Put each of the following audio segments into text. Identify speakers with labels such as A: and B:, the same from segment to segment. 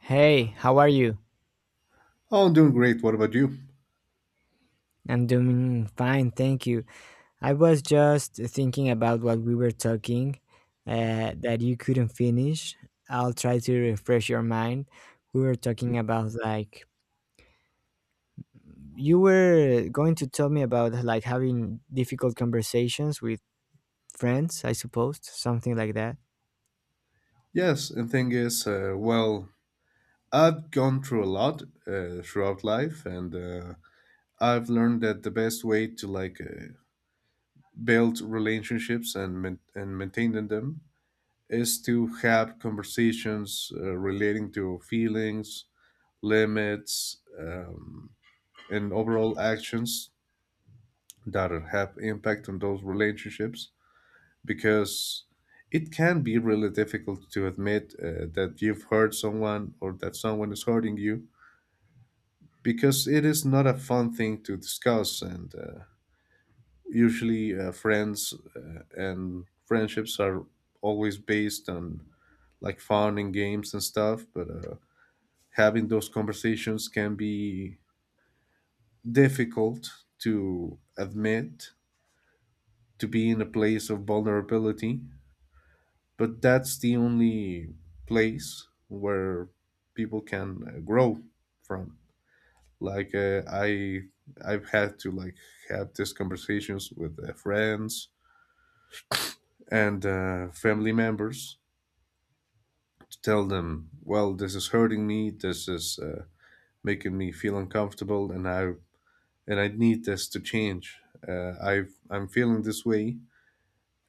A: Hey, how are you?
B: Oh, I'm doing great. What about you?
A: I'm doing fine, thank you. I was just thinking about what we were talking that you couldn't finish. I'll try to refresh your mind. We were talking about, like, you were going to tell me about, like, having difficult conversations with friends, I suppose, something like that.
B: Yes, and thing is, I've gone through a lot throughout life, and I've learned that the best way to build relationships and maintaining them is to have conversations relating to feelings, limits, and overall actions that have impact on those relationships because it can be really difficult to admit that you've hurt someone or that someone is hurting you because it is not a fun thing to discuss and usually friends and friendships are always based on like fun and games and stuff but having those conversations can be difficult to admit, to be in a place of vulnerability, but that's the only place where people can grow from. like uh, i I've had to like have these conversations with friends and family members to tell them, well, this is hurting me, this is making me feel uncomfortable, and I need this to change. uh, i I'm feeling this way,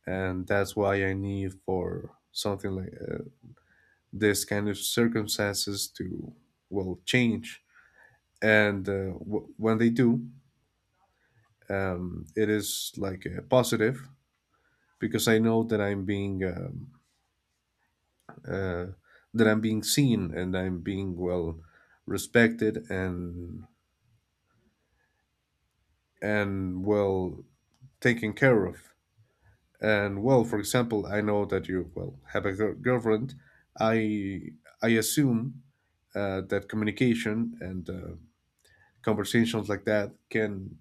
B: and that's why I need for something like this kind of circumstances to, well, change. And when they do, it is like a positive because I know that uh, I'm being seen and I'm being, well, respected and, well, taken care of. And, well, for example, I know that you, well, have a girlfriend. I i assume that communication and conversations like that can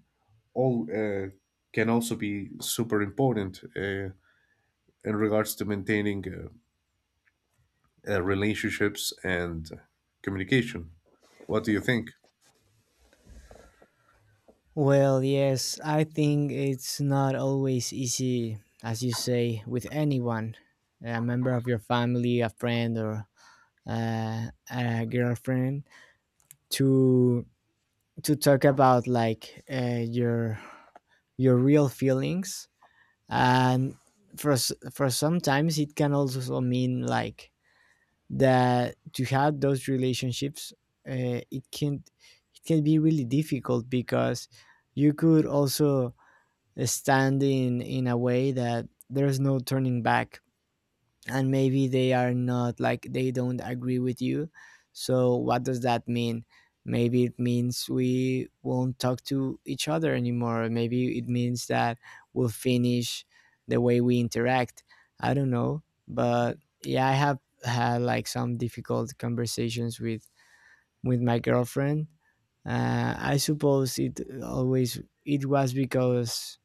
B: all can also be super important in regards to maintaining relationships and communication. What do you think?
A: Well, yes, I think it's not always easy, as you say, with anyone, a member of your family, a friend, or a girlfriend to talk about like your real feelings and for for sometimes it can also mean like that to have those relationships, uh, it can it can be really difficult because you could also stand in a way that there's no turning back, and maybe they are not like, they don't agree with you. So what does that mean? Maybe it means we won't talk to each other anymore. Maybe it means that we'll finish the way we interact. I don't know. But yeah, I have had like some difficult conversations with my girlfriend. I suppose it always it was because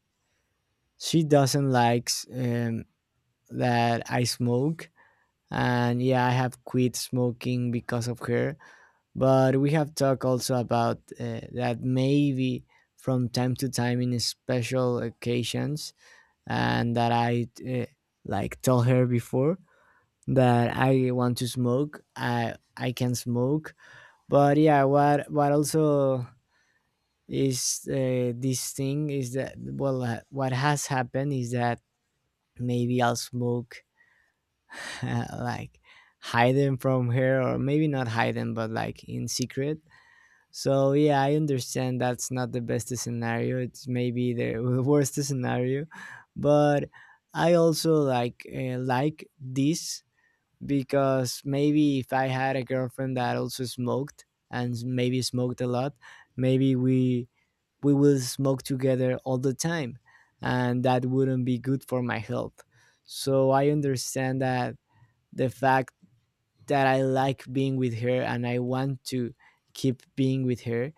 A: she doesn't likes that I smoke. And yeah, I have quit smoking because of her, but we have talked also about that maybe from time to time in special occasions, and that I like tell her before that I want to smoke, I can smoke. But yeah, what also is this thing is that, well, what has happened is that maybe I'll smoke like hide them from her, or maybe not hide them, but like in secret. So yeah, I understand that's not the best scenario, it's maybe the worst scenario. But I also like, like this because maybe if I had a girlfriend that also smoked, and maybe smoked a lot, maybe we will smoke together all the time, and that wouldn't be good for my health. So I understand that the fact that I like being with her and I want to keep being with her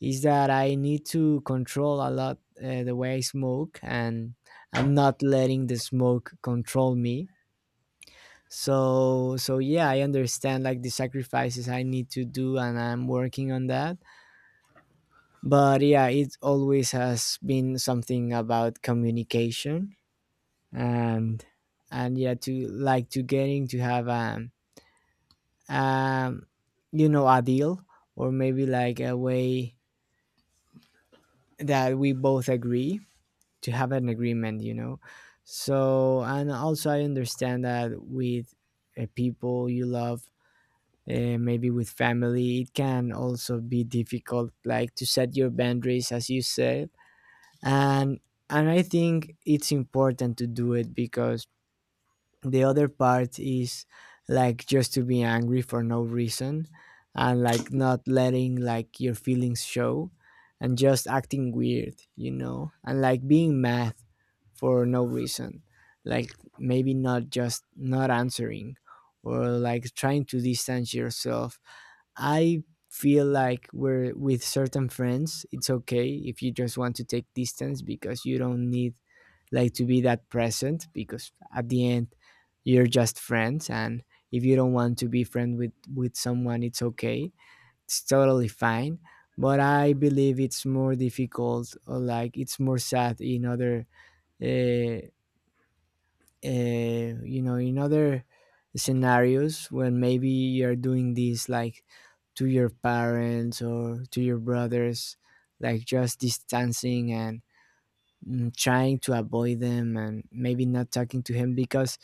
A: is that I need to control a lot the way I smoke, and not letting the smoke control me. So yeah, I understand like the sacrifices I need to do, and I'm working on that. But yeah, it always has been something about communication, and and yeah, to like to getting to have um, you know, a deal, or maybe like a way that we both agree, to have an agreement, you know. So, and also I understand that with people you love, maybe with family, it can also be difficult, like to set your boundaries, as you said. And and I think it's important to do it because the other part is like just to be angry for no reason, and like not letting like your feelings show, and just acting weird, you know, and like being mad for no reason, like maybe not just not answering, or like trying to distance yourself. I feel like we're with certain friends, it's okay if you just want to take distance because you don't need like to be that present, because at the end you're just friends. And if you don't want to be friend with someone, it's okay. It's totally fine. But I believe it's more difficult or like it's more sad in other uh, you know, in other scenarios, when maybe you're doing this like to your parents or to your brothers, like just distancing and trying to avoid them, and maybe not talking to him because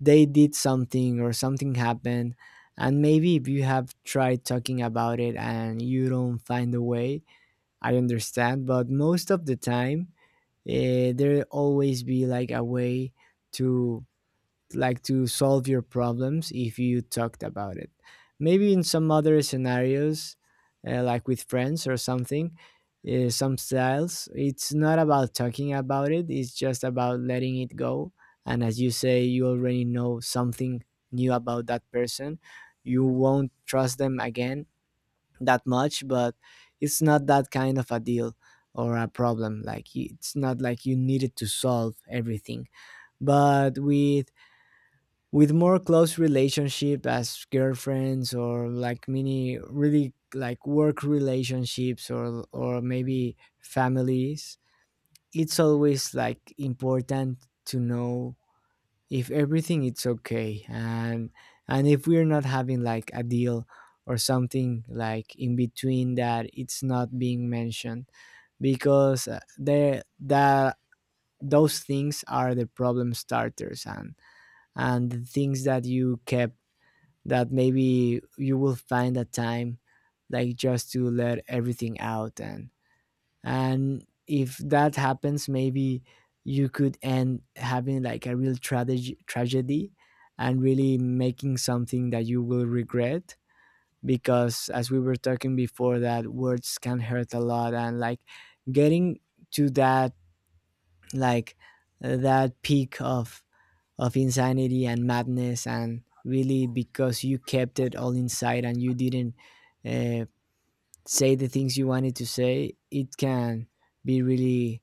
A: they did something or something happened. And maybe if you have tried talking about it and you don't find a way, I understand, but most of the time, there always be like a way to to solve your problems if you talked about it. Maybe in some other scenarios, like with friends or something, some styles, it's not about talking about it, it's just about letting it go. And as you say, you already know something new about that person. You won't trust them again that much, but it's not that kind of a deal or a problem. Like, it's not like you needed to solve everything. But with more close relationship as girlfriends, or like mini really like work relationships, or maybe families, it's always like important to know if everything it's okay. And if we're not having like a deal or something like in between that it's not being mentioned, because the those things are the problem starters. And the things that you kept, that maybe you will find a time like just to let everything out. And if that happens, maybe you could end having like a real tragedy, and really making something that you will regret. Because as we were talking before, that words can hurt a lot, and like getting to that, like, that peak of insanity and madness, and really, because you kept it all inside and you didn't uh, say the things you wanted to say, it can be really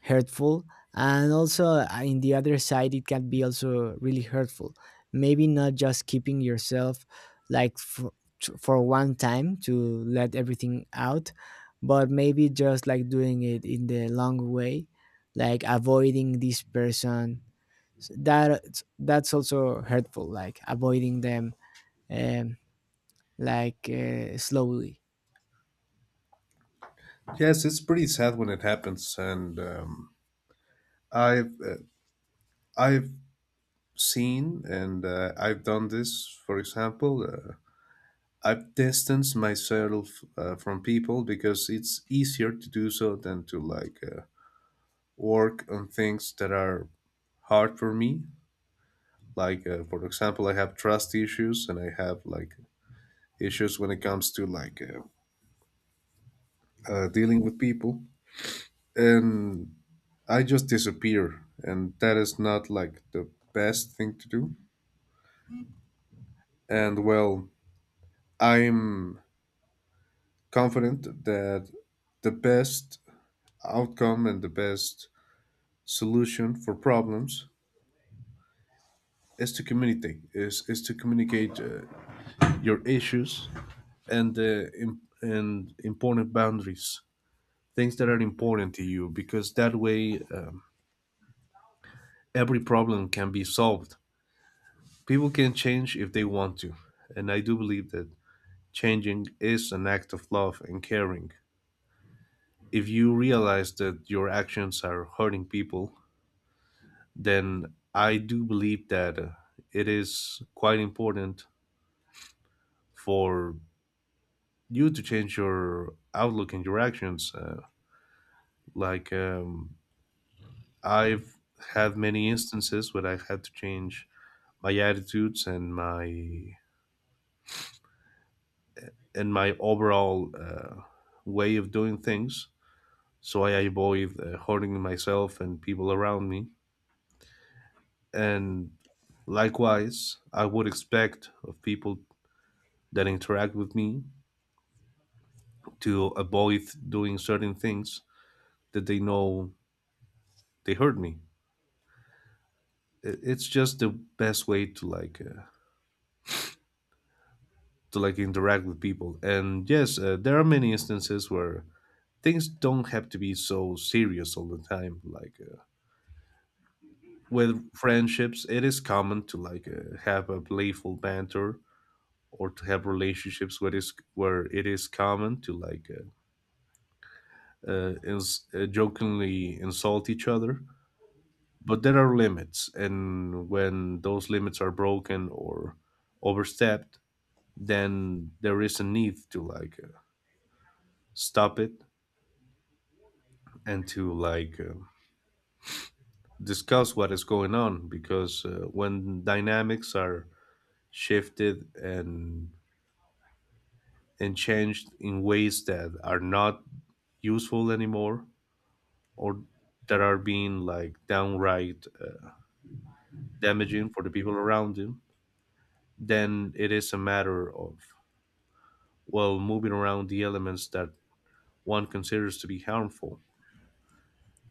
A: hurtful. And also, in the other side, it can be also really hurtful, maybe not just keeping yourself like for, for one time to let everything out, but maybe just like doing it in the long way, like avoiding this person. That that's also hurtful, like avoiding them, um, like slowly.
B: Yes, it's pretty sad when it happens, and I've uh, I've seen and I've done this. For example, I've distanced myself from people because it's easier to do so than to work on things that are hard for me, like for example, I have trust issues and I have like issues when it comes to dealing with people, and I just disappear, and that is not like the best thing to do. And, well, I'm confident that the best outcome and the best solution for problems is to communicate, is to communicate your issues and and important boundaries, things that are important to you, because that way, every problem can be solved. People can change if they want to. And I do believe that changing is an act of love and caring. If you realize that your actions are hurting people, then I do believe that it is quite important for you to change your outlook and your actions. Like, um, I've had many instances where I had to change my attitudes and my overall way of doing things, so I avoid hurting myself and people around me. And likewise, I would expect of people that interact with me to avoid doing certain things that they know they hurt me. It's just the best way to to like interact with people. And yes, there are many instances where things don't have to be so serious all the time, like with friendships, it is common to have a playful banter, or to have relationships where it is common to like jokingly insult each other. But there are limits, and when those limits are broken or overstepped, then there is a need to stop it and to discuss what is going on because when dynamics are shifted and changed in ways that are not useful anymore, or that are being like downright damaging for the people around him, then it is a matter of, well, moving around the elements that one considers to be harmful.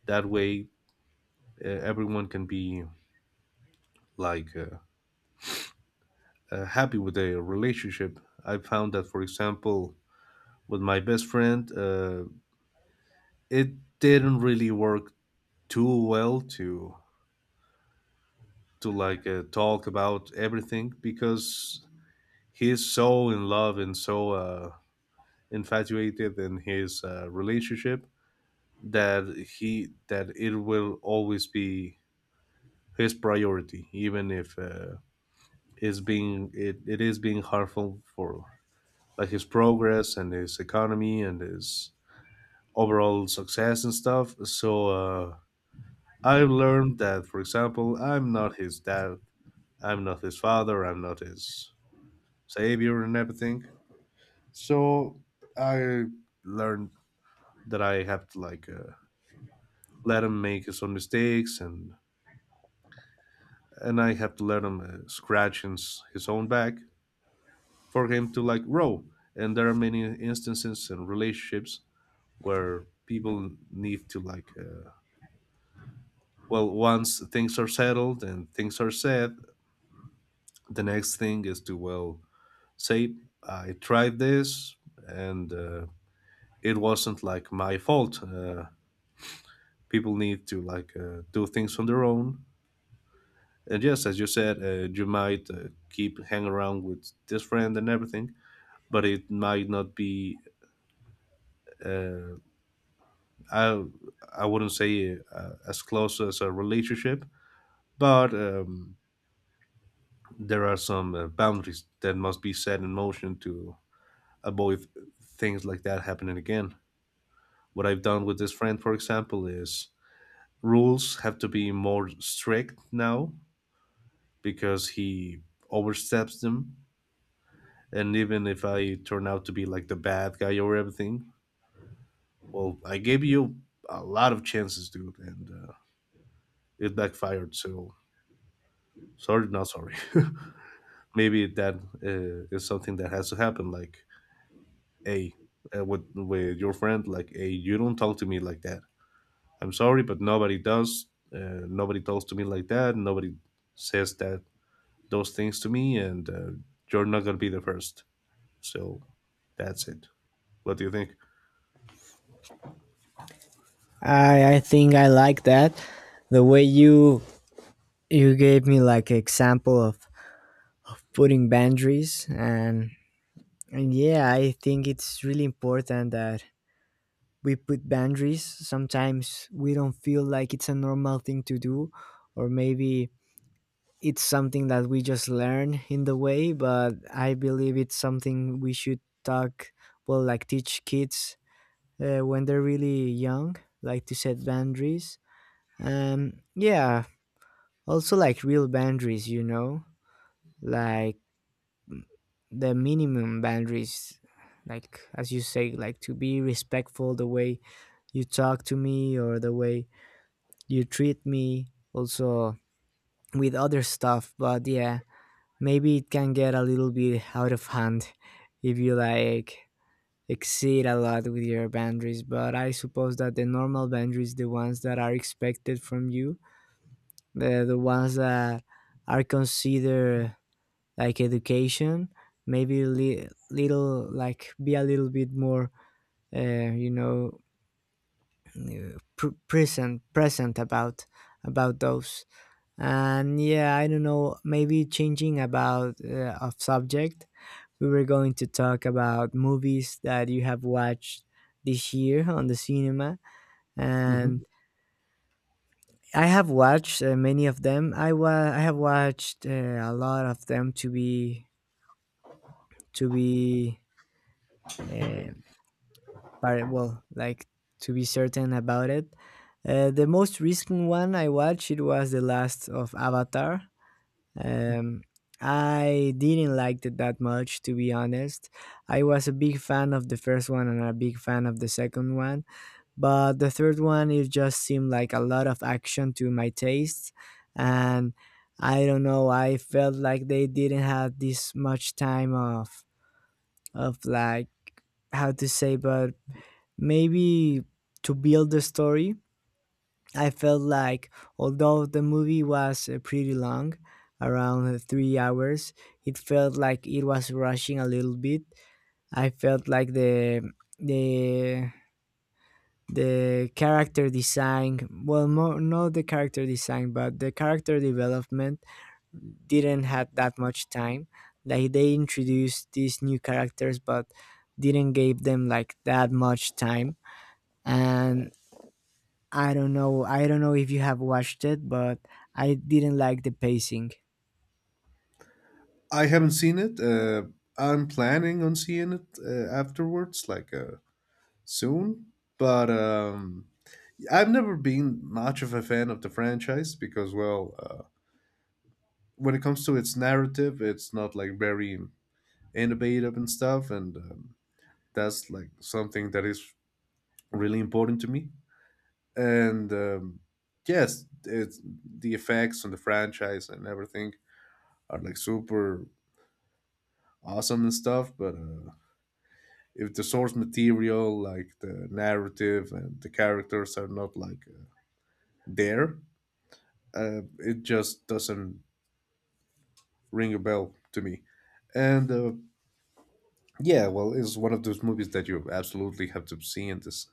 B: That way, everyone can be like uh, happy with their relationship. I found that, for example, with my best friend, it didn't really work too well to talk about everything because he's so in love and so infatuated in his relationship that he that it will always be his priority even if it is being harmful for like his progress and his economy and his overall success and stuff. So I've learned that, for example, I'm not his dad, I'm not his father, I'm not his savior and everything. So I learned that I have to let him make his own mistakes, and I have to let him scratch his own back for him to like grow. And there are many instances and relationships where people need to well, once things are settled and things are said, the next thing is to, well, say I tried this, and it wasn't like my fault. People need to do things on their own. And yes, as you said, you might keep hang around with this friend and everything, but it might not be, uh, I I wouldn't say as close as a relationship, but there are some boundaries that must be set in motion to avoid things like that happening again. What I've done with this friend, for example, is rules have to be more strict now because he oversteps them. And even if I turn out to be like the bad guy or everything, well, I gave you a lot of chances, dude, and it backfired. So sorry, not sorry. Maybe that is something that has to happen. Like, hey, with your friend, like, hey, you don't talk to me like that. I'm sorry, but nobody does. Nobody talks to me like that. Nobody says that those things to me, and you're not gonna be the first. So that's it. What do you think?
A: I think I like that the way you gave me like example of putting boundaries. And yeah, I think it's really important that we put boundaries. Sometimes we don't feel like it's a normal thing to do, or maybe it's something that we just learn in the way, but I believe it's something we should talk, well, like teach kids when they're really young, like to set boundaries. Yeah, also like real boundaries, you know, like the minimum boundaries, like as you say, like to be respectful the way you talk to me or the way you treat me, also with other stuff. But yeah, maybe it can get a little bit out of hand if you like exceed a lot with your boundaries. But I suppose that the normal boundaries, the ones that are expected from you, the ones that are considered like education, maybe little like be a little bit more uh, you know, present about those. And yeah, I don't know, maybe changing about of subject, we were going to talk about movies that you have watched this year on the cinema.
B: Hmm.
A: And I have watched many of them. I have watched a lot of them to be to be uh, well, like to be certain about it. The most recent one I watched it was the last of Avatar. Um, I didn't like it that much, to be honest. I was a big fan of the first one and a big fan of the second one, but the third one it just seemed like a lot of action to my taste. And I don't know, I felt like they didn't have this much time of like how to say, but maybe to build the story. I felt like, although the movie was pretty long, around 3 hours, it felt like it was rushing a little bit. I felt like the the character design, well more not the character design but the character development, didn't have that much time. Like they introduced these new characters but didn't give them like that much time. And I don't know, I don't know if you have watched it, but I didn't like the pacing.
B: I haven't seen it. I'm planning on seeing it afterwards, soon. But I've never been much of a fan of the franchise because, well, when it comes to its narrative, it's not like very innovative and stuff, and that's like something that is really important to me. And yes, it's the effects on the franchise and everything are like super awesome and stuff, but. If the source material, like the narrative and the characters, are not there, it just doesn't ring a bell to me. And yeah, well, it's one of those movies that you absolutely have to see in this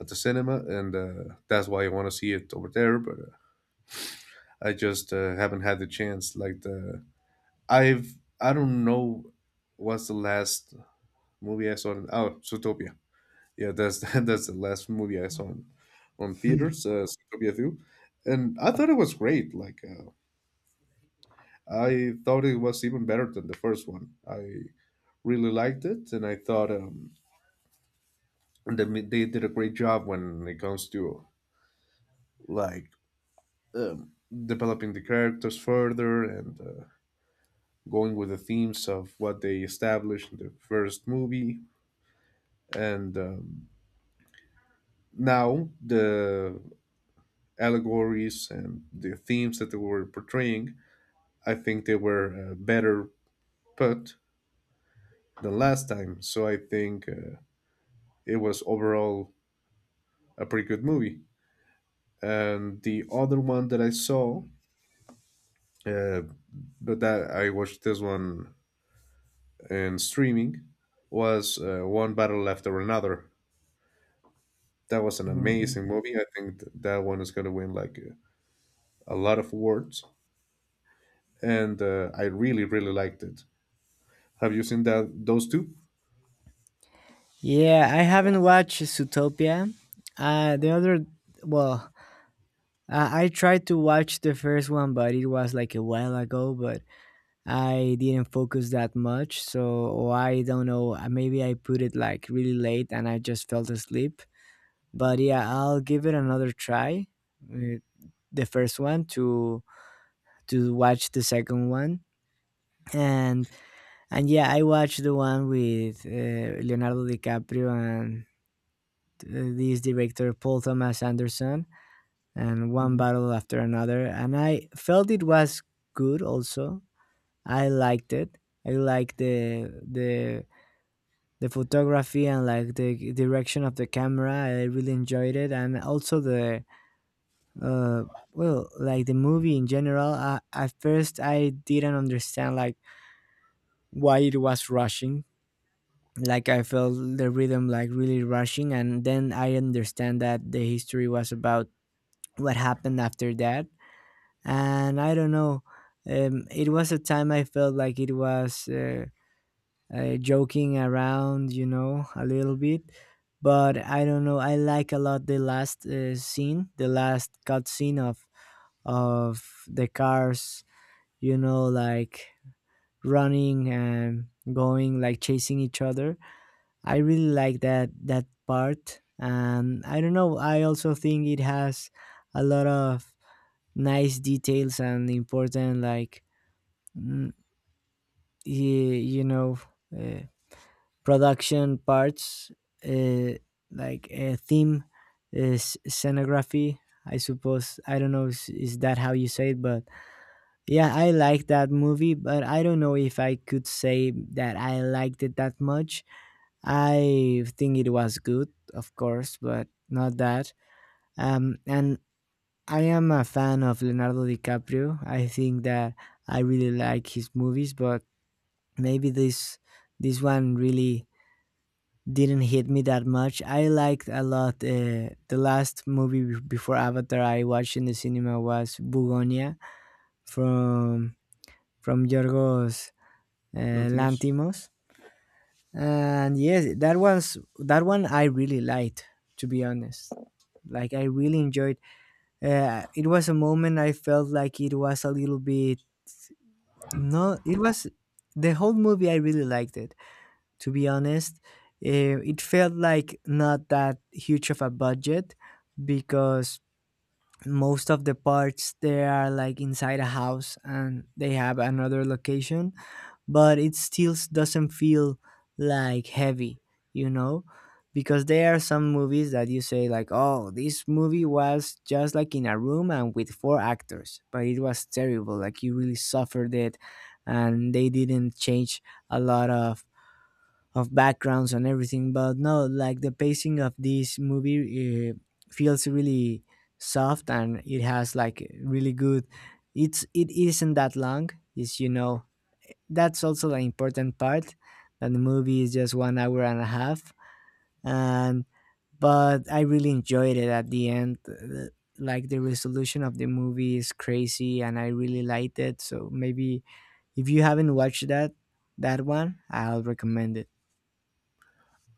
B: at the cinema, and that's why I want to see it over there. But I just haven't had the chance. Like the I've I don't know what's the last movie I saw. In, oh, Zootopia. Yeah, that's that's the last movie I saw on theaters, Zootopia 2. And I thought it was great. I thought it was even better than the first one. I really liked it, and I thought, they did a great job when it comes to like, um, developing the characters further and going with the themes of what they established in the first movie. And now the allegories and the themes that they were portraying, I think they were better put than last time. So I think it was overall a pretty good movie. And the other one that I saw, uh, but that I watched this one in streaming, was One Battle After Another. That was an
A: Mm.
B: amazing movie. I think that one is going to win like a lot of awards, and I really, really liked it. Have you seen that those 2?
A: Yeah, I haven't watched Zootopia. The other well I tried to watch the first one, but it was like a while ago, but I didn't focus that much, so I don't know. Maybe I put it like really late and I just fell asleep. But yeah, I'll give it another try. Uh, The first one to watch the second one, and and yeah, I watched the one with Leonardo DiCaprio and this director Paul Thomas Anderson, and One
B: Mm-hmm.
A: Battle After Another, and I felt it was good. Also, I liked it. I liked the photography and like the direction of the camera. I really enjoyed it. And also the uh well, like the movie in general, I, at first, I didn't understand like why it was rushing, like I felt the rhythm like really rushing. And then I understand that the history was about what happened after that. And I don't know, it was a time I felt like it was joking around, you know, a little bit. But I don't know. I like a lot the last scene, the last cut scene of the cars, you know, like running and going, like chasing each other. I really like that part, and I don't know. I also think it has a lot of nice details and important, like mm, y- you know, uh, production parts, uh, like a theme, scenography, I suppose. I don't know, is that how you say it, but yeah, I like that movie, but I don't know if I could say that I liked it that much. I think it was good, of course, but not that. And I am a fan of Leonardo DiCaprio. I think that I really like his movies, but maybe this one really didn't hit me that much. I liked a lot. The last movie before Avatar I watched in the cinema was Bugonia from from Yorgos uh,
B: Lantimos?
A: Lantimos, and yes, that one I really liked. To be honest, like I really enjoyed. It was a moment I felt like it was a little bit, no. It was the whole movie. I really liked it, to be honest. Eh, it felt like not that huge of a budget because most of the parts they are like inside a house and they have another location, but it still doesn't feel like heavy, you know? Because there are some movies that you say like, "Oh, this movie was just like in a room and with four actors, but it was terrible. Like you really suffered it, and they didn't change a lot of backgrounds and everything." But no, like the pacing of this movie, feels really soft, and it has like really good, it isn't that long. It's, you know, that's also an important part, that the movie is just 1 hour and a half. And but I really enjoyed it at the end. Like the resolution of the movie is crazy, and I really liked it, so maybe if you haven't watched that, that one I'll recommend it.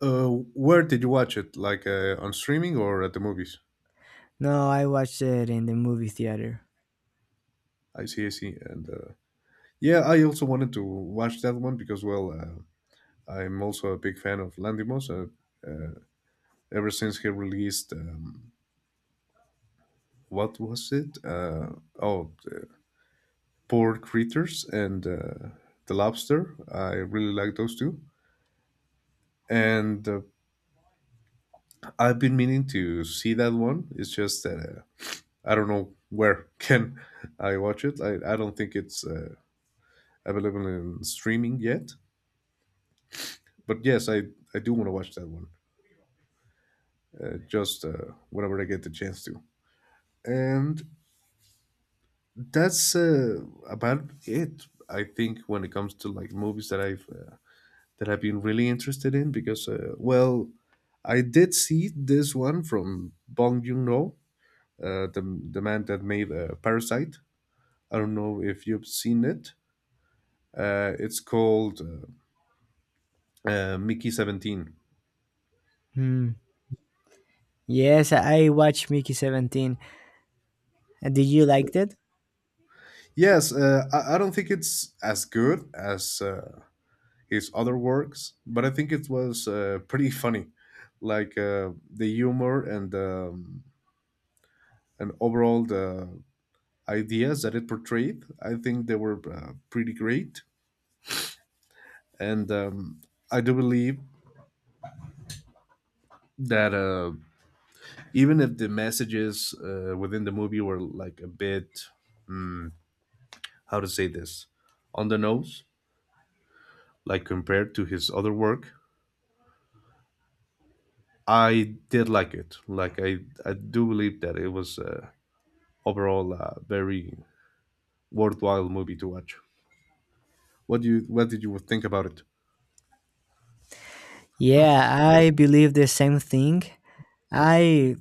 B: Uh, where did you watch it? Like on streaming or at the movies?
A: No, I watched it in the movie theater.
B: I see, I see. And yeah, I also wanted to watch that one because, well, I'm also a big fan of Landimos. Ever since he released, what was it? Oh, uh, Poor Creatures and The Lobster. I really like those two. And I've been meaning to see that one. It's just that I don't know where can I watch it. I don't think it's. Available in streaming yet. But yes, I do want to watch that one just whenever I get the chance to. And that's about it, I think, when it comes to like movies that I've been really interested in because well, I did see this one from Bong Joon Ho, the man that made Parasite. I don't know if you've seen it. It's called Mickey 17.
A: Hmm. Yes, I watched Mickey 17. Did you like it?
B: Yes, I don't think it's as good as his other works, but I think it was pretty funny, the humor, and overall the ideas that it portrayed. I think they were pretty great, and I do believe that even if the messages within the movie were like a bit, how to say this, on the nose, like compared to his other work, I did like it. I do believe that it was overall a very worthwhile movie to watch. What did you think about it?
A: Yeah, I believe the same thing. I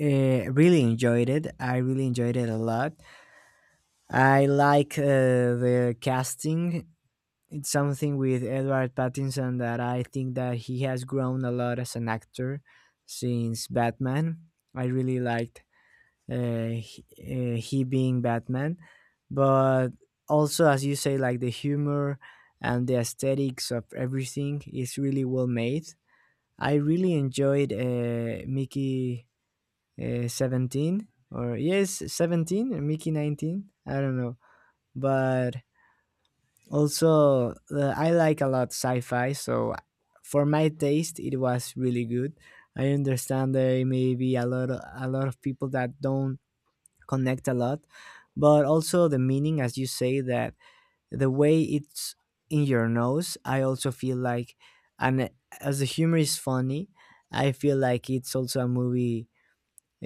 A: really enjoyed it. I really enjoyed it a lot. I like the casting. It's something with Edward Pattinson that I think that he has grown a lot as an actor since Batman. I really liked he being Batman, but also as you say, like the humor and the aesthetics of everything is really well made. I really enjoyed Mickey 17 or yes 17 or Mickey 19. I don't know, but also I like a lot sci-fi, so for my taste, it was really good. I understand there may be a lot of people that don't connect a lot, but also the meaning, as you say, that the way it's in your nose, I also feel like. and eh, as the humor is funny, I feel like it's also a movie,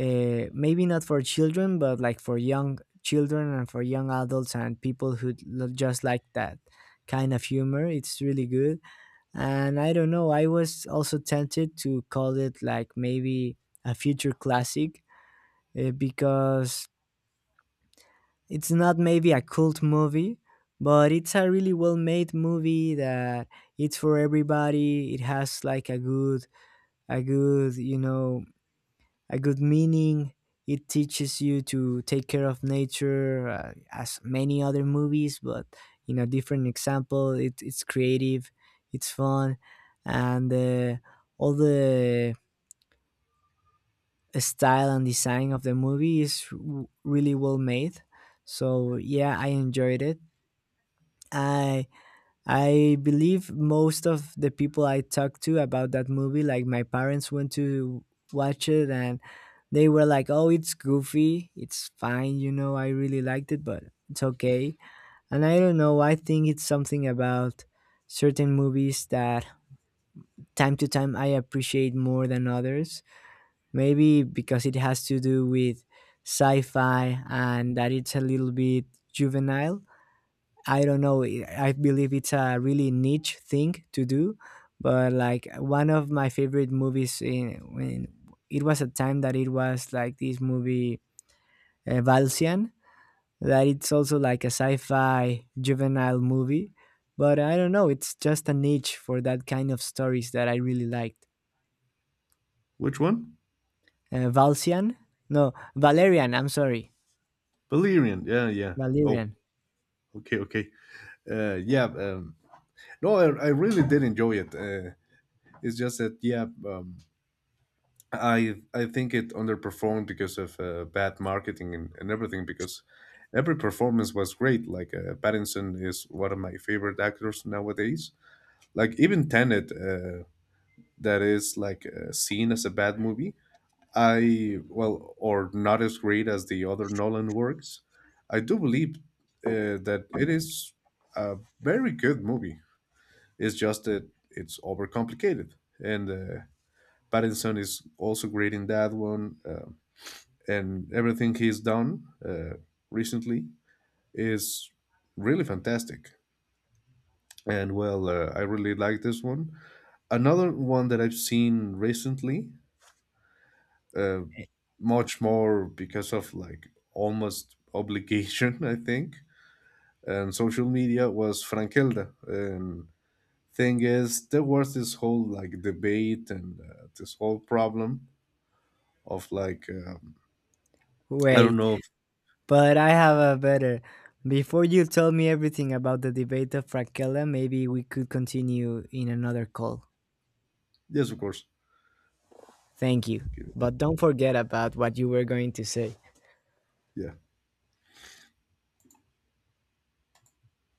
A: maybe not for children, but like for young children and for young adults and people who just like that kind of humor, it's really good. And I don't know, I was also tempted to call it like maybe a future classic, because it's not maybe a cult movie, but it's a really well-made movie that it's for everybody. It has like a good, a good, you know, a good meaning. It teaches you to take care of nature, as many other movies, but in a different example. It's creative, it's fun, and all the style and design of the movie is really well made. So yeah, I enjoyed it. I I believe most of the people I talked to about that movie, like my parents went to watch it, and they were like, oh, it's goofy. It's fine. You know, I really liked it, but it's okay. And I don't know. I think it's something about certain movies that time to time I appreciate more than others. Maybe because it has to do with sci fi and that it's a little bit juvenile. I don't know, I believe it's a really niche thing to do, but like one of my favorite movies in, when it was a time that it was like this movie, Valsian, that it's also like a sci-fi juvenile movie, but I don't know. It's just a niche for that kind of stories that I really liked.
B: Which one?
A: Valsian? No, Valerian. I'm sorry,
B: Valerian. Yeah, yeah. Oh,
A: Valerian.
B: okay, okay. Yeah. No, I really did enjoy it. It's just that, yeah. I think it underperformed because of bad marketing and everything. Because every performance was great. Like Pattinson is one of my favorite actors nowadays. Like even Tenet. That is like seen as a bad movie. I, well, or not as great as the other Nolan works. I do believe that it is a very good movie. It's just that it's overcomplicated, and Pattinson is also great in that one. And everything he's done recently is really fantastic. And well, I really like this one. Another one that I've seen recently, uh, much more because of like almost obligation, I think. And social media was Frankelda. And thing is, there was this whole like debate and this whole problem of I don't
A: Wait,
B: know. If,
A: but I have a better. Before you tell me everything about the debate of Frankella, maybe we could continue in another call.
B: Yes, of course.
A: Thank you.
B: Give it.
A: But don't forget about what you were going to say.
B: Yeah.